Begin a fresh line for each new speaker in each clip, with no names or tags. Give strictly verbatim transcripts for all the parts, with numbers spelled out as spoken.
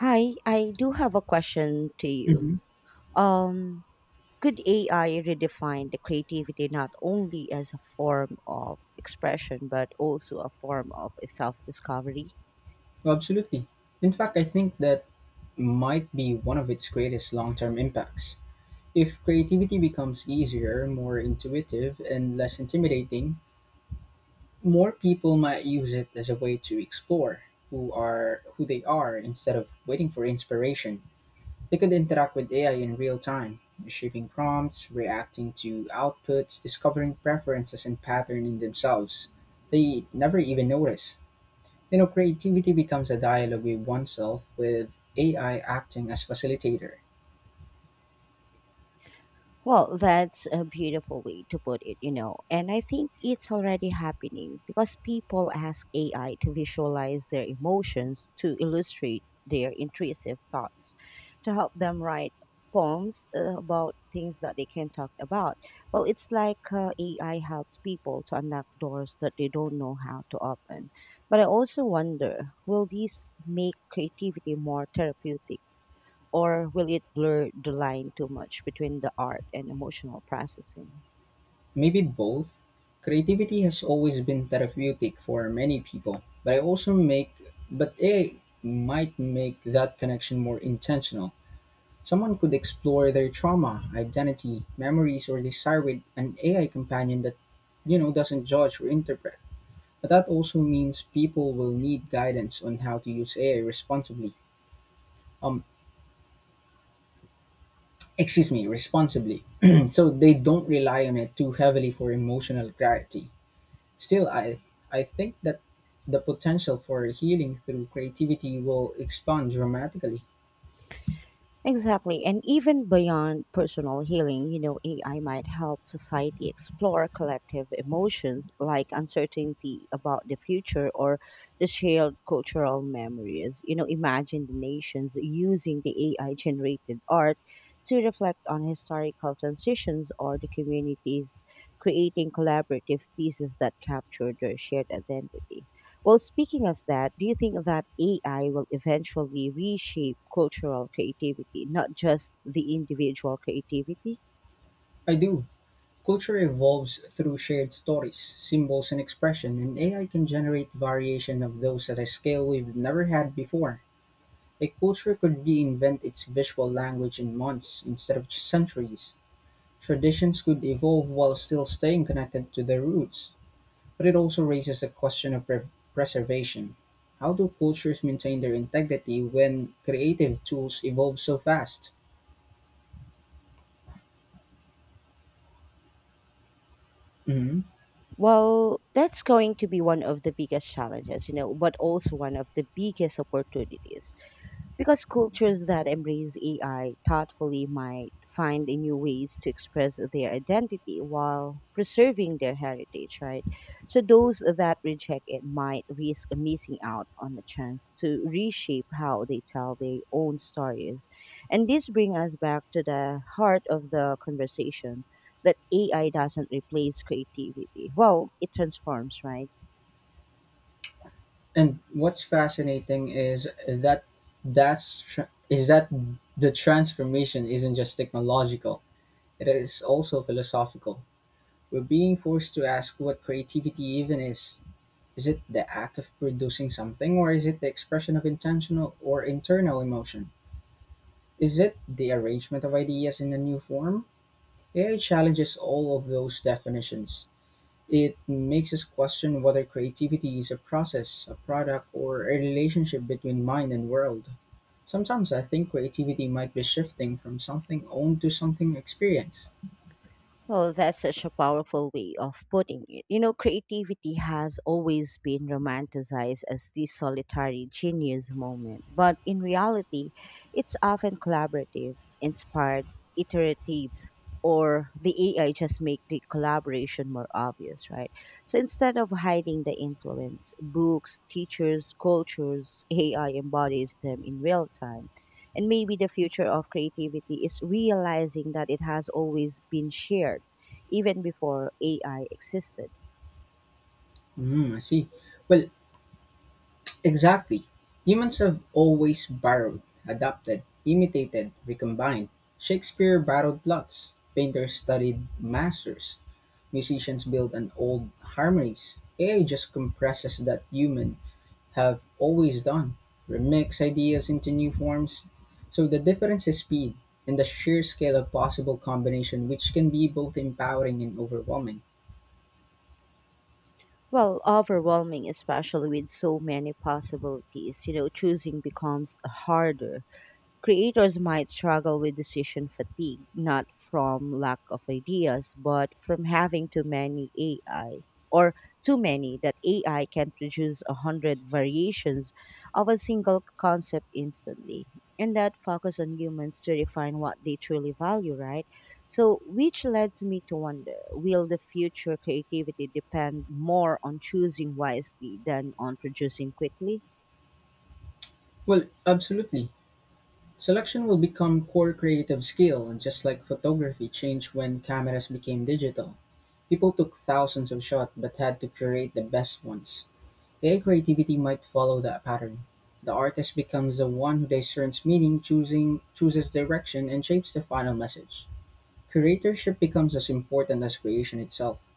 Hi, I do have a question to you.
Mhm.
Um, could A I redefine the creativity not only as a form of expression but also a form of self-discovery?
Absolutely. In fact, I think that might be one of its greatest long term impacts. If creativity becomes easier, more intuitive, and less intimidating, more people might use it as a way to explore who are who they are instead of waiting for inspiration. They could interact with A I in real time, shaping prompts, reacting to outputs, discovering preferences and patterns in themselves. They never even notice. You know, creativity becomes a dialogue with oneself with A I acting as facilitator.
Well, that's a beautiful way to put it, you know. And I think it's already happening because people ask A I to visualize their emotions to illustrate their intrusive thoughts, to help them write poems uh, about things that they can talk about. Well, it's like uh, A I helps people to unlock doors that they don't know how to open. But I also wonder, will these make creativity more therapeutic, or will it blur the line too much between the art and emotional processing?
Maybe both. Creativity has always been therapeutic for many people, but I also make but A I might make that connection more intentional. Someone could explore their trauma, identity, memories, or desire with an A I companion that, you know, doesn't judge or interpret. But that also means people will need guidance on how to use A I responsibly. Um, Excuse me, responsibly. So they don't rely on it too heavily for emotional clarity. Still, I I think that the potential for healing through creativity will expand dramatically.
Exactly. And even beyond personal healing, you know, A I might help society explore collective emotions like uncertainty about the future or the shared cultural memories. You know, imagine the nations using the A I generated art to reflect on historical transitions, or the communities creating collaborative pieces that capture their shared identity. Well, speaking of that, do you think that A I will eventually reshape cultural creativity, not just the individual creativity?
I do. Culture evolves through shared stories, symbols, and expression, and A I can generate variation of those at a scale we've never had before. A culture could reinvent its visual language in months instead of centuries. Traditions could evolve while still staying connected to their roots. But it also raises a question of pre- preservation. How do cultures maintain their integrity when creative tools evolve so fast? Mhm.
Well, that's going to be one of the biggest challenges, you know, but also one of the biggest opportunities. Because cultures that embrace A I thoughtfully might find a new ways to express their identity while preserving their heritage, right? So those that reject it might risk missing out on a chance to reshape how they tell their own stories. And this brings us back to the heart of the conversation that A I doesn't replace creativity. Well, it transforms, right?
And what's fascinating is that that's tr- is that the transformation isn't just technological; it is also philosophical. We're being forced to ask what creativity even is. Is it the act of producing something, or is it the expression of intentional or internal emotion? Is it the arrangement of ideas in a new form, A I challenges all of those definitions. It makes us question whether creativity is a process, a product, or a relationship between mind and world. Sometimes I think creativity might be shifting from something owned to something experienced.
Well, that's such a powerful way of putting it. You know, creativity has always been romanticized as this solitary genius moment, but in reality, it's often collaborative, inspired, iterative, or the A I just make the collaboration more obvious, right? So instead of hiding the influence, books, teachers, cultures, A I embodies them in real time, and maybe the future of creativity is realizing that it has always been shared, even before A I existed.
Hmm, I see. Well, exactly. Humans have always borrowed, adapted, imitated, recombined. Shakespeare borrowed plots. Painters studied masters. Musicians built on old harmonies. A I just compresses that human have always done remix ideas into new forms. So the difference is speed and the sheer scale of possible combination, which can be both empowering and overwhelming.
Well, overwhelming, especially with so many possibilities, you know, choosing becomes harder. Creators might struggle with decision fatigue, not from lack of ideas, but from having too many A I, or too many that A I can produce a hundred variations of a single concept instantly. And that focus on humans to define what they truly value, right? So, which leads me to wonder, will the future creativity depend more on choosing wisely than on producing quickly?
Well, absolutely. Selection will become core creative skill, and just like photography changed when cameras became digital. People took thousands of shots but had to curate the best ones. A I creativity might follow that pattern. The artist becomes the one who discerns meaning, choosing chooses direction, and shapes the final message. Curatorship becomes as important as creation itself.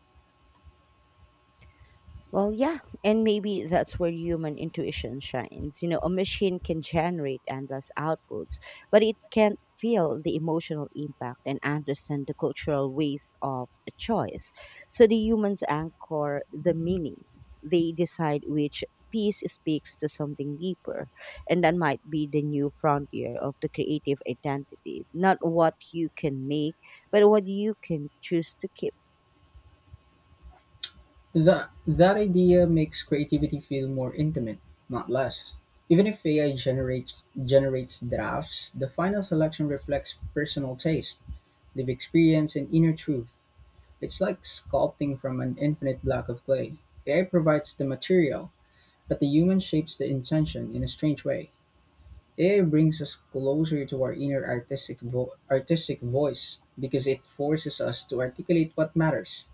Well, yeah, and maybe that's where human intuition shines. You know, a machine can generate endless outputs, but it can't feel the emotional impact and understand the cultural weight of a choice. So the humans anchor the meaning. They decide which piece speaks to something deeper, and that might be the new frontier of the creative identity. Not what you can make, but what you can choose to keep.
That, that idea makes creativity feel more intimate, not less. Even if A I generates, generates drafts, the final selection reflects personal taste, lived experience, and inner truth. It's like sculpting from an infinite block of clay. A I provides the material, but the human shapes the intention in a strange way. A I brings us closer to our inner artistic, vo- artistic voice because it forces us to articulate what matters.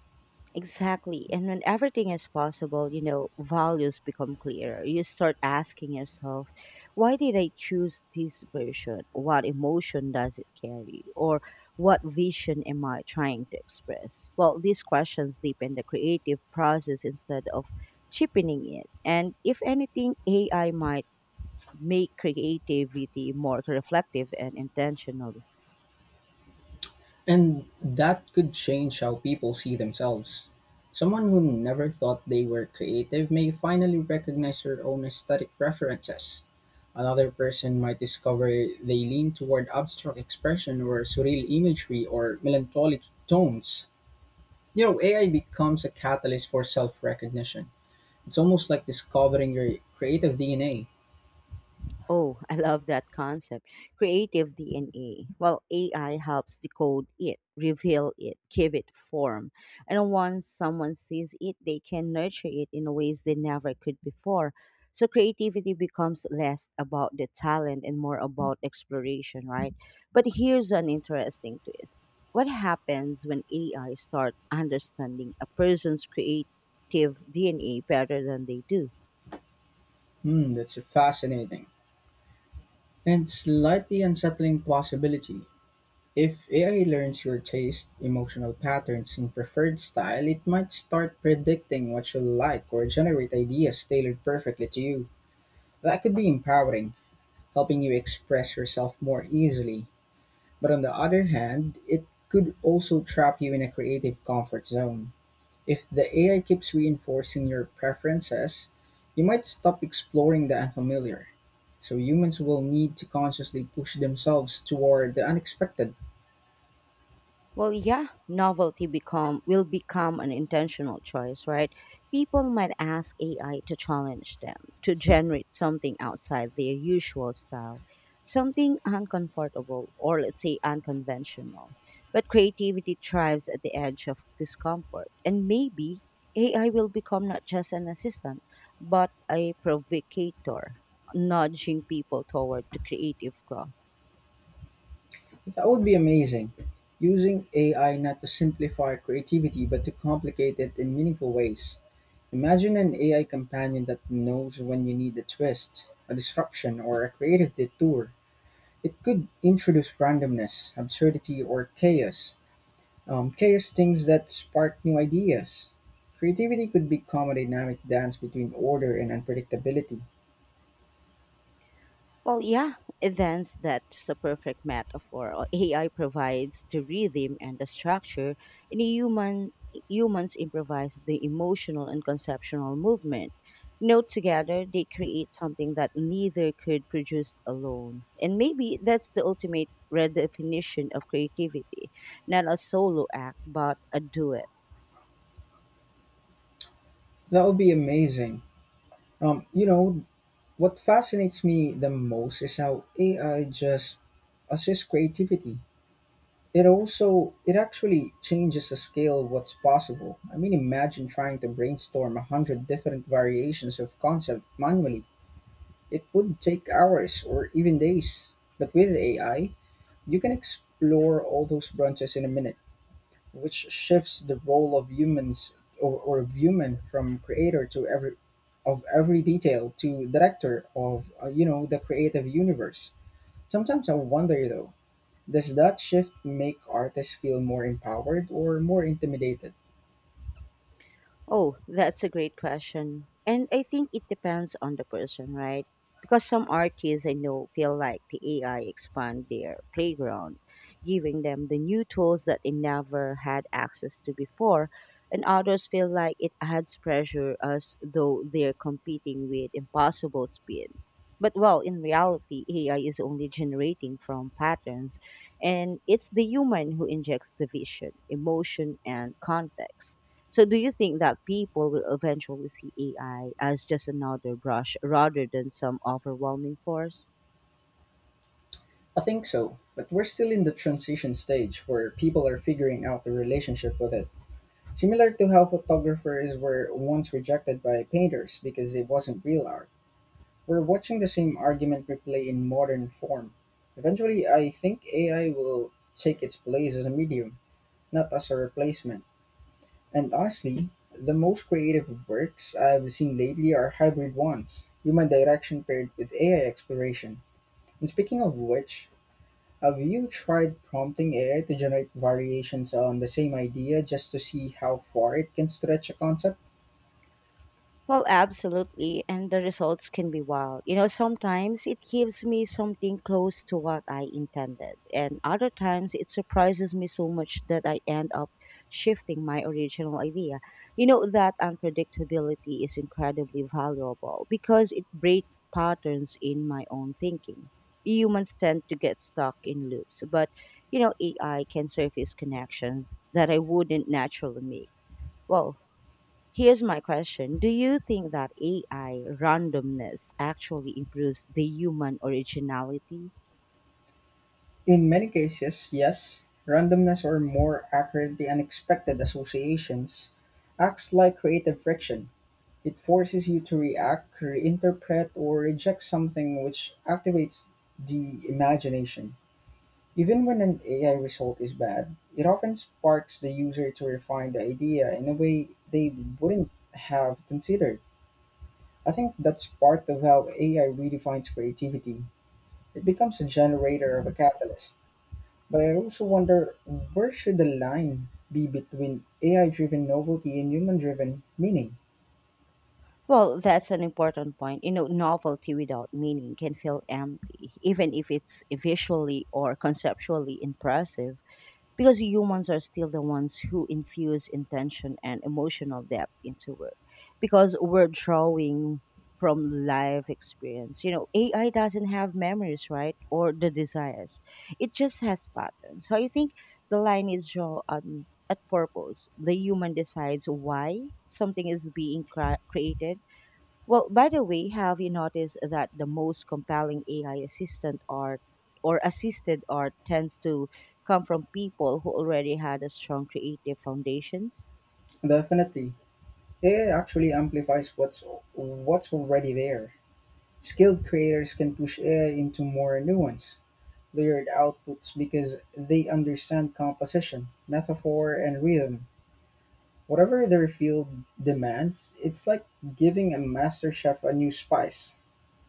Exactly. And when everything is possible, you know, values become clearer. You start asking yourself, why did I choose this version? What emotion does it carry? Or what vision am I trying to express? Well, these questions deepen the creative process instead of cheapening it. And if anything, A I might make creativity more reflective and intentional.
And that could change how people see themselves. Someone who never thought they were creative may finally recognize their own aesthetic preferences. Another person might discover they lean toward abstract expression or surreal imagery or melancholic tones. You know, A I becomes a catalyst for self recognition. It's almost like discovering your creative D N A.
Oh, I love that concept. Creative D N A. Well, A I helps decode it, reveal it, give it form. And once someone sees it, they can nurture it in ways they never could before. So creativity becomes less about the talent and more about exploration, right? But here's an interesting twist. What happens when A I start understanding a person's creative D N A better than they do?
Hmm, that's fascinating. And slightly unsettling possibility. If A I learns your taste, emotional patterns, and preferred style, it might start predicting what you'll like or generate ideas tailored perfectly to you. That could be empowering, helping you express yourself more easily. But on the other hand, it could also trap you in a creative comfort zone. If the A I keeps reinforcing your preferences, you might stop exploring the unfamiliar. So humans will need to consciously push themselves toward the unexpected.
Well, yeah, novelty become will become an intentional choice, right? People might ask A I to challenge them, to generate something outside their usual style, something uncomfortable or let's say unconventional. But creativity thrives at the edge of discomfort, and maybe A I will become not just an assistant, but a provocator, nudging people toward the creative growth.
That would be amazing. Using A I not to simplify creativity but to complicate it in meaningful ways. Imagine an A I companion that knows when you need a twist, a disruption, or a creative detour. It could introduce randomness, absurdity, or chaos. Um, chaos things that spark new ideas. Creativity could become a dynamic dance between order and unpredictability.
Well, yeah, events that's a perfect metaphor. Uh, A I provides the rhythm and the structure, and human humans improvise the emotional and conceptual movement. Note together, they create something that neither could produce alone. And maybe that's the ultimate redefinition of creativity, not a solo act, but a duet.
That would be amazing. Um, you know, What fascinates me the most is how A I just assists creativity. It also it actually changes the scale of what's possible. I mean, imagine trying to brainstorm a hundred different variations of concept manually. It would take hours or even days. But with A I, you can explore all those branches in a minute, which shifts the role of humans or, or of human from creator to every of every detail to director of uh, you know, the creative universe. Sometimes I wonder though, does that shift make artists feel more empowered or more intimidated?
Oh, that's a great question. And I think it depends on the person, right? Because some artists I know feel like the A I expand their playground, giving them the new tools that they never had access to before. And others feel like it adds pressure as though they're competing with impossible speed. But well, in reality, A I is only generating from patterns, and it's the human who injects the vision, emotion, and context. So, do you think that people will eventually see A I as just another brush rather than some overwhelming force?
I think so, but we're still in the transition stage where people are figuring out the relationship with it. Similar to how photographers were once rejected by painters because it wasn't real art. We're watching the same argument replay in modern form. Eventually, I think A I will take its place as a medium, not as a replacement. And honestly, the most creative works I've seen lately are hybrid ones, human direction paired with A I exploration. And speaking of which, have you tried prompting A I to generate variations on the same idea just to see how far it can stretch a concept?
Well, absolutely. And the results can be wild. You know, sometimes it gives me something close to what I intended, and other times it surprises me so much that I end up shifting my original idea. You know, that unpredictability is incredibly valuable because it breaks patterns in my own thinking. Humans tend to get stuck in loops, but you know, A I can surface connections that I wouldn't naturally make. Well, here's my question. Do you think that A I randomness actually improves the human originality?
In many cases, yes, randomness, or more accurately unexpected associations, acts like creative friction. It forces you to react, reinterpret, or reject something which activates the imagination. Even when an A I result is bad, it often sparks the user to refine the idea in a way they wouldn't have considered. I think that's part of how A I redefines creativity. It becomes a generator of a catalyst. But I also wonder, where should the line be between A I-driven novelty and human-driven meaning?
Well, that's an important point. You know, novelty without meaning can feel empty, even if it's visually or conceptually impressive. Because humans are still the ones who infuse intention and emotional depth into work, because we're drawing from life experience. You know, AI doesn't have memories, right, or the desires, it just has patterns. So I think the line is drawn on at purpose. The human decides why something is being cra- created. Well, by the way, have you noticed that the most compelling A I assistant are or assisted art tends to come from people who already had a strong creative foundations?
Definitely, A I actually amplifies what's what's already there. Skilled creators can push A I into more nuance, layered outputs because they understand composition, metaphor, and rhythm. Whatever their field demands, it's like giving a master chef a new spice.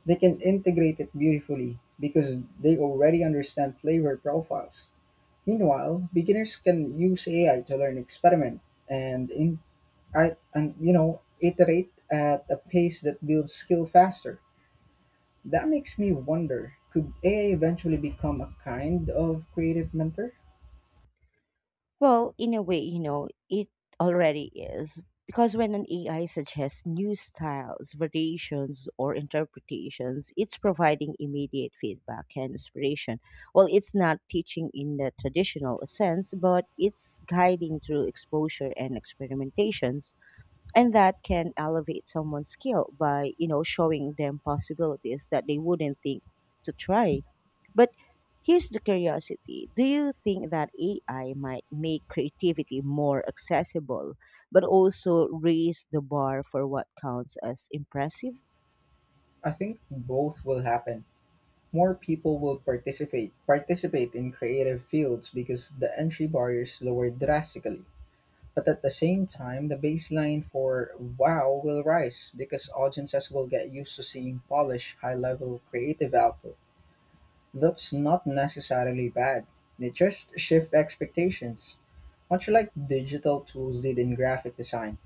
They can integrate it beautifully because they already understand flavor profiles. Meanwhile, beginners can use A I to learn, experiment, and in I, and you know, iterate at a pace that builds skill faster. That makes me wonder: could A I eventually become a kind of creative mentor?
Well, in a way, you know, it already is. Because when an A I suggests new styles, variations, or interpretations, it's providing immediate feedback and inspiration. Well, it's not teaching in the traditional sense, but it's guiding through exposure and experimentations, and that can elevate someone's skill by, you know, showing them possibilities that they wouldn't think to try. But here's the curiosity, do you think that AI might make creativity more accessible but also raise the bar for what counts as impressive?
I think both will happen. More people will participate participate in creative fields because the entry barriers lower drastically. But at the same time, the baseline for WoW will rise because audiences will get used to seeing polished, high level creative output. That's not necessarily bad, they just shift expectations. Much like digital tools did in graphic design,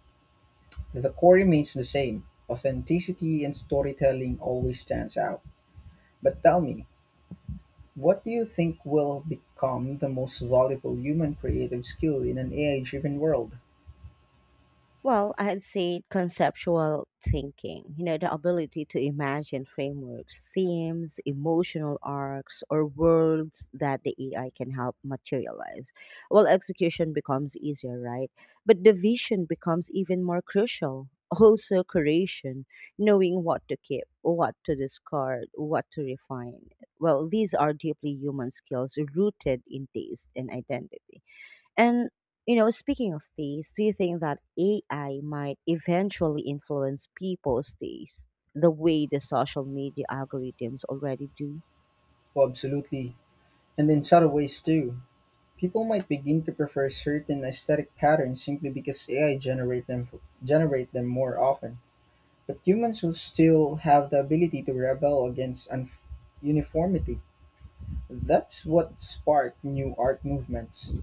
the core remains the same. Authenticity and storytelling always stands out. But tell me, what do you think will become the most valuable human creative skill in an A I driven world?
Well, I'd say conceptual thinking, you know, the ability to imagine frameworks, themes, emotional arcs, or worlds that the A I can help materialize. Well, execution becomes easier, right? But the vision becomes even more crucial. Also, curation, knowing what to keep, what to discard, what to refine. Well, these are deeply human skills rooted in taste and identity. And, you know, speaking of taste, do you think that A I might eventually influence people's taste the way the social media algorithms already do?
Oh, absolutely. And in subtle ways too. People might begin to prefer certain aesthetic patterns simply because A I generate them generate them more often. But humans will still have the ability to rebel against un- uniformity. That's what sparked new art movements.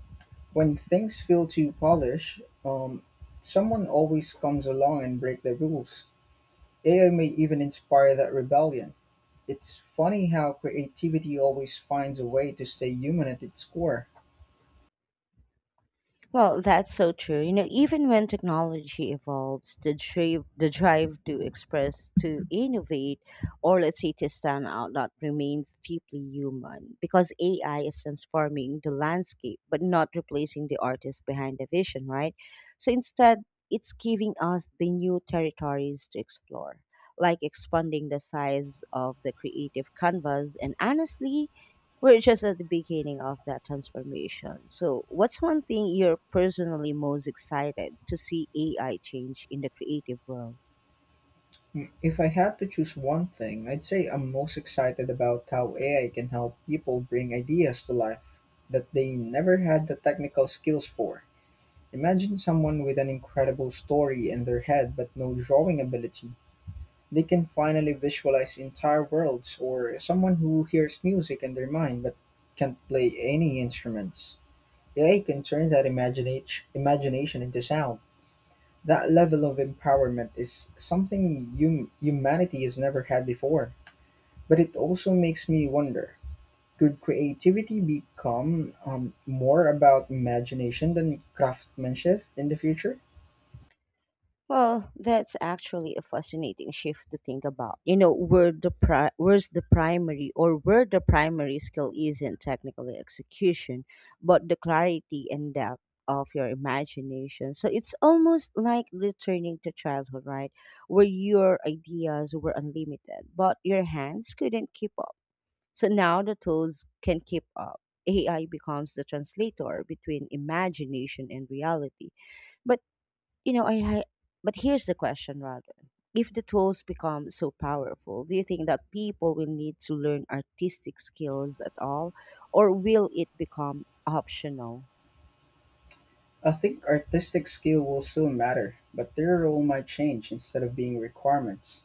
When things feel too polished, um, someone always comes along and break the rules. A I may even inspire that rebellion. It's funny how creativity always finds a way to stay human at its core.
Well, that's so true. You know, even when technology evolves, the drive, the drive to express, to innovate, or let's say to stand out, that remains deeply human, because A I is transforming the landscape, but not replacing the artist behind the vision, right? So instead, it's giving us the new territories to explore, like expanding the size of the creative canvas. And honestly, we're just at the beginning of that transformation. So, what's one thing you're personally most excited to see A I change in the creative world?
If I had to choose one thing, I'd say I'm most excited about how A I can help people bring ideas to life that they never had the technical skills for. Imagine someone with an incredible story in their head but no drawing ability. They can finally visualize entire worlds, or someone who hears music in their mind but can't play any instruments. A I can turn that imaginat- imagination into sound. That level of empowerment is something hum- humanity has never had before. But it also makes me wonder, could creativity become um, more about imagination than craftsmanship in the future?
Well, that's actually a fascinating shift to think about. You know, where the pri- where's the primary or where the primary skill isn't technically execution, but the clarity and depth of your imagination. So it's almost like returning to childhood, right? Where your ideas were unlimited, but your hands couldn't keep up. So now the tools can keep up. A I becomes the translator between imagination and reality. But, you know, I ha- but here's the question rather. If the tools become so powerful, do you think that people will need to learn artistic skills at all, or will it become optional?
I think artistic skill will still matter, but their role might change instead of being requirements.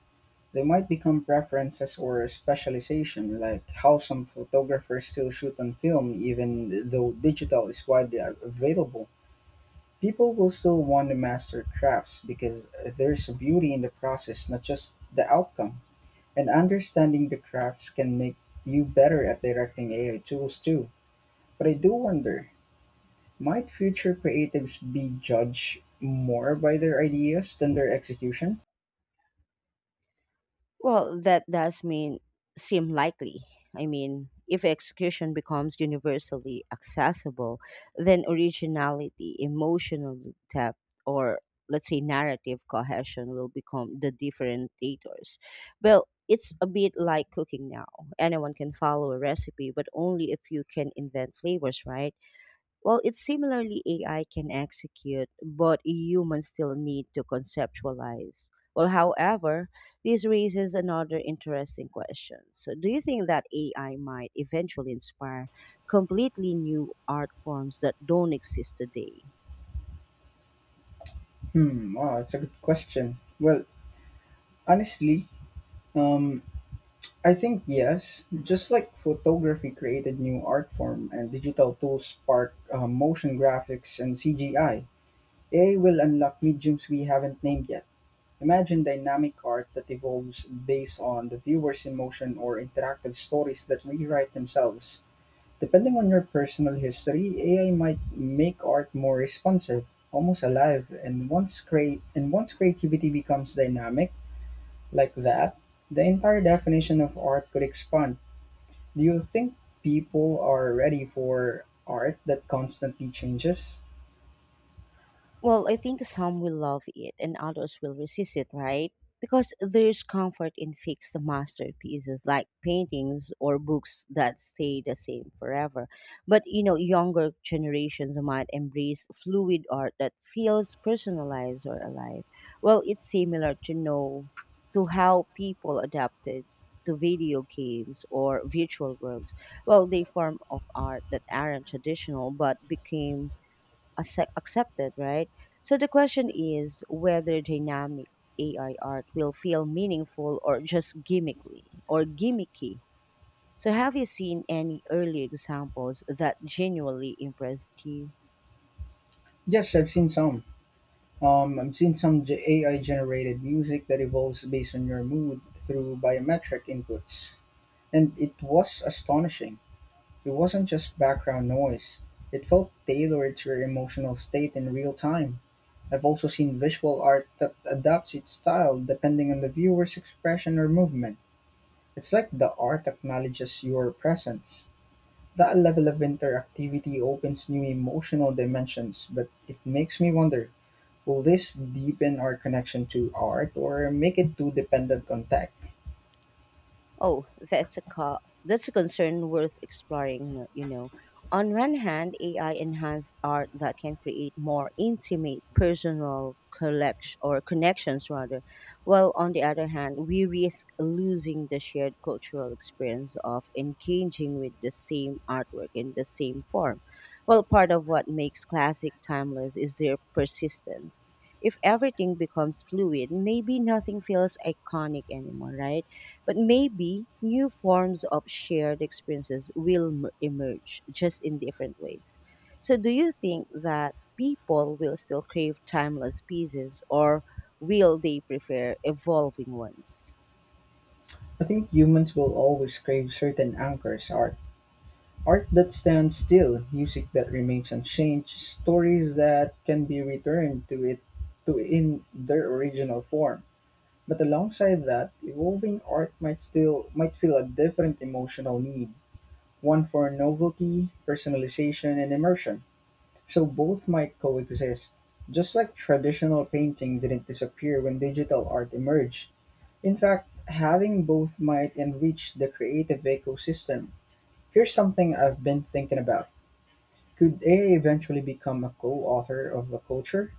They might become preferences or a specialization, like how some photographers still shoot on film, even though digital is widely available. People will still want to master crafts because there's beauty in the process, not just the outcome. And understanding the crafts can make you better at directing A I tools too. But I do wonder, might future creatives be judged more by their ideas than their execution?
Well, that does mean seem likely. I mean, if execution becomes universally accessible, then originality, emotional depth, or let's say narrative cohesion will become the differentiators. Well, it's a bit like cooking now. Anyone can follow a recipe, but only if you can invent flavors, right? Well, it's similarly A I can execute, but humans still need to conceptualize. Well, however, this raises another interesting question. So, do you think that A I might eventually inspire completely new art forms that don't exist today?
Hmm, wow, that's a good question. Well, honestly, um, I think yes. Just like photography created new art form and digital tools spark uh, motion graphics and C G I, A I will unlock mediums we haven't named yet. Imagine dynamic art that evolves based on the viewer's emotion or interactive stories that rewrite themselves. Depending on your personal history, A I might make art more responsive, almost alive, and once create and once creativity becomes dynamic like that, the entire definition of art could expand. Do you think people are ready for art that constantly changes?
Well, I think some will love it and others will resist it, right? Because there's comfort in fixed masterpieces like paintings or books that stay the same forever. But you know, younger generations might embrace fluid art that feels personalized or alive. Well, it's similar to know to how people adapted to video games or virtual worlds. Well, they form of art that aren't traditional but became accept, accepted, right? So the question is whether dynamic A I art will feel meaningful or just gimmickly or gimmicky. So have you seen any early examples that genuinely impressed you?
Yes, I've seen some Um, I've seen some ge- A I generated music that evolves based on your mood through biometric inputs, and it was astonishing. It wasn't just background noise, it felt tailored to your emotional state in real time. I've also seen visual art that adapts its style depending on the viewer's expression or movement. It's like the art acknowledges your presence. That level of interactivity opens new emotional dimensions, but it makes me wonder. Will this deepen our connection to art or make it too dependent on tech?
Oh, that's a co- that's a concern worth exploring, no- you know. On one hand, A I enhanced art that can create more intimate, personal collection or connections rather. While on the other hand, we risk losing the shared cultural experience of engaging with the same artwork in the same form. Well, part of what makes classic timeless is their persistence. If everything becomes fluid, maybe nothing feels iconic anymore, right? But maybe new forms of shared experiences will m- emerge, just in different ways. So, do you think that people will still crave timeless pieces or will they prefer evolving ones?
I think humans will always crave certain anchors art. Art that stands still, music that remains unchanged, stories that can be returned to it to in their original form. But alongside that, evolving art might still might feel a different emotional need, one for novelty, personalization, and immersion. So both might coexist. Just like traditional painting didn't disappear when digital art emerged. In fact, having both might enrich the creative ecosystem. Here's something I've been thinking about. Could A I eventually become a co author of a culture?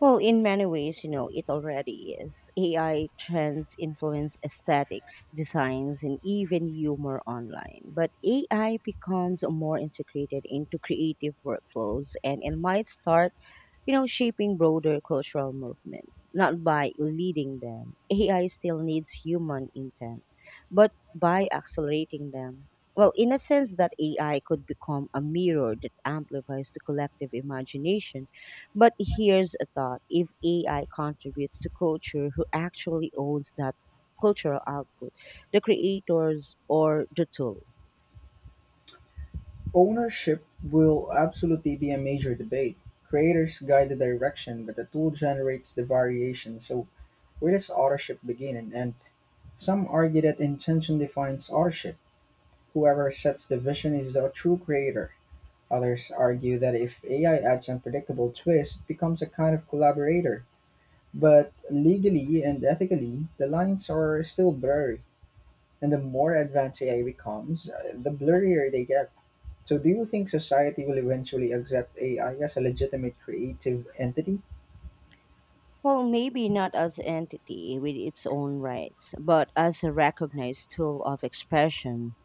Well, in many ways, you know, it already is. A I trends influence aesthetics, designs, and even humor online. But A I becomes more integrated into creative workflows and it might start, you know, shaping broader cultural movements. Not by leading them, A I still needs human intent, but by accelerating them. Well, in a sense, that A I could become a mirror that amplifies the collective imagination, but here's a thought: if A I contributes to culture, who actually owns that cultural output? The creators or the tool?
Ownership will absolutely be a major debate. Creators guide the direction, but the tool generates the variation. So, where does authorship begin and end? Some argue that intention defines authorship. Whoever sets the vision is the true creator. Others argue that if A I adds unpredictable twists, it becomes a kind of collaborator. But legally and ethically, the lines are still blurry. And the more advanced A I becomes, uh, the blurrier they get. So, do you think society will eventually accept A I as a legitimate creative entity?
Well, maybe not as entity with its own rights, but as a recognized tool of expression.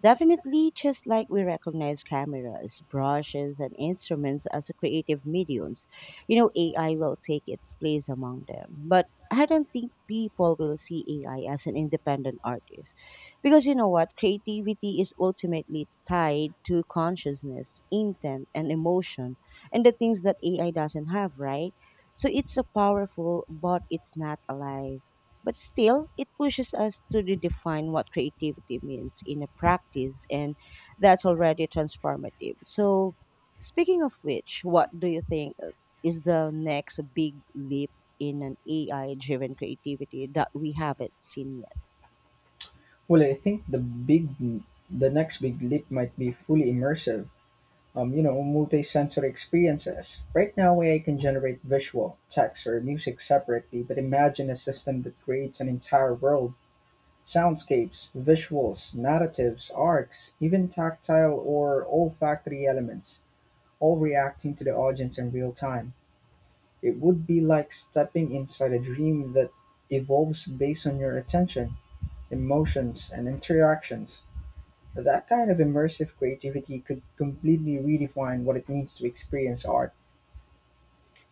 Definitely, just like we recognize cameras, brushes, and instruments as creative mediums, you know, A I will take its place among them. But I don't think people will see A I as an independent artist. Because you know what? Creativity is ultimately tied to consciousness, intent, and emotion, and the things that A I doesn't have, right? So it's a powerful, but it's not alive. But still, it pushes us to redefine what creativity means in a practice, and that's already transformative. So, speaking of which, what do you think uh, is the next big leap in an A I driven creativity that we haven't seen yet?
Well, I think the big, the next big leap might be fully immersive, um, you know, multi-sensory experiences. Right now, A I can generate visual, text, or music separately, but imagine a system that creates an entire world. Soundscapes, visuals, narratives, arcs, even tactile or olfactory elements, all reacting to the audience in real time. It would be like stepping inside a dream that evolves based on your attention, emotions, and interactions. That kind of immersive creativity could completely redefine what it means to experience art.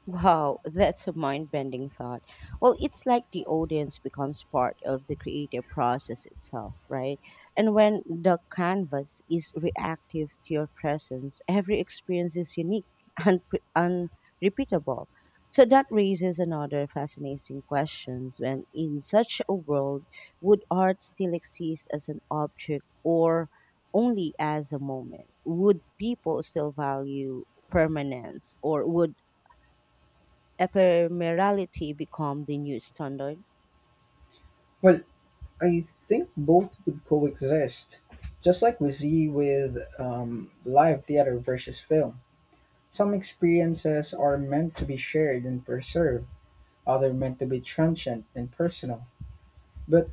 Wow, that's a mind bending thought. Well, it's like the audience becomes part of the creative process itself, right? And when the canvas is reactive to your presence, every experience is unique and unre- unrepeatable. So that raises another fascinating questions when in such a world would art still exist as an object or only as a moment? Would people still value permanence or would ephemerality become the new standard?
Well, I think both would coexist, just like we see with um, live theater versus film. Some experiences are meant to be shared and preserved, other meant to be transient and personal. But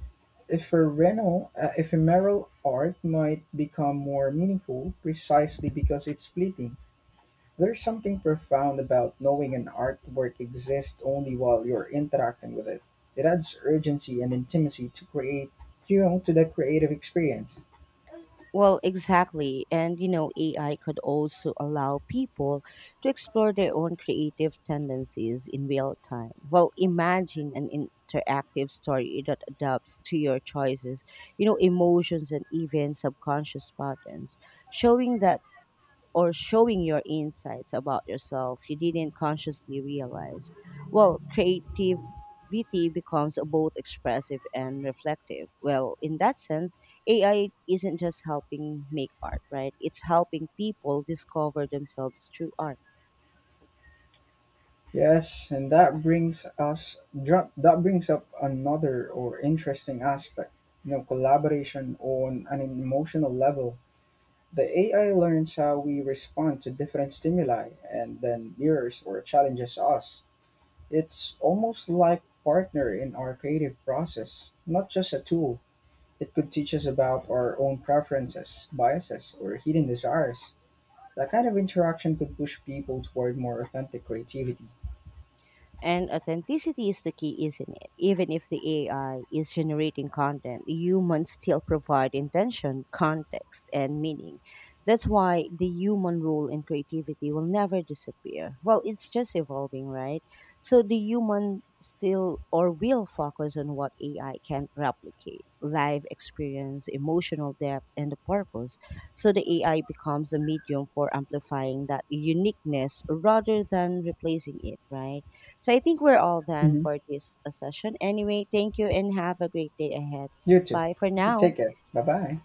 ephemeral, uh, ephemeral art might become more meaningful precisely because it's fleeting. There's something profound about knowing an artwork exists only while you're interacting with it. It adds urgency and intimacy to create, you know, to the creative experience.
Well, exactly. And you know, A I could also allow people to explore their own creative tendencies in real time. Well, imagine an interactive story that adapts to your choices, you know, emotions and even subconscious patterns, showing that or showing your insights about yourself you didn't consciously realize. Well, creativity becomes both expressive and reflective. Well, in that sense, A I isn't just helping make art, right? It's helping people discover themselves through art.
Yes, and that brings us dr- that brings up another or interesting aspect, you know, collaboration on an emotional level. The A I learns how we respond to different stimuli and then mirrors or challenges us. It's almost like partner in our creative process, not just a tool. It could teach us about our own preferences, biases, or hidden desires. That kind of interaction could push people toward more authentic creativity.
And authenticity is the key, isn't it? Even if the A I is generating content, humans still provide intention, context, and meaning. That's why the human role in creativity will never disappear. Well, it's just evolving, right? So the human still or will focus on what A I can replicate live experience, emotional depth, and the purpose. So the A I becomes a medium for amplifying that uniqueness rather than replacing it, right? So I think we're all done
Hmm.
for this uh, session. Anyway, thank you and have a great day ahead.
You too.
Bye for now.
Take care. Bye bye.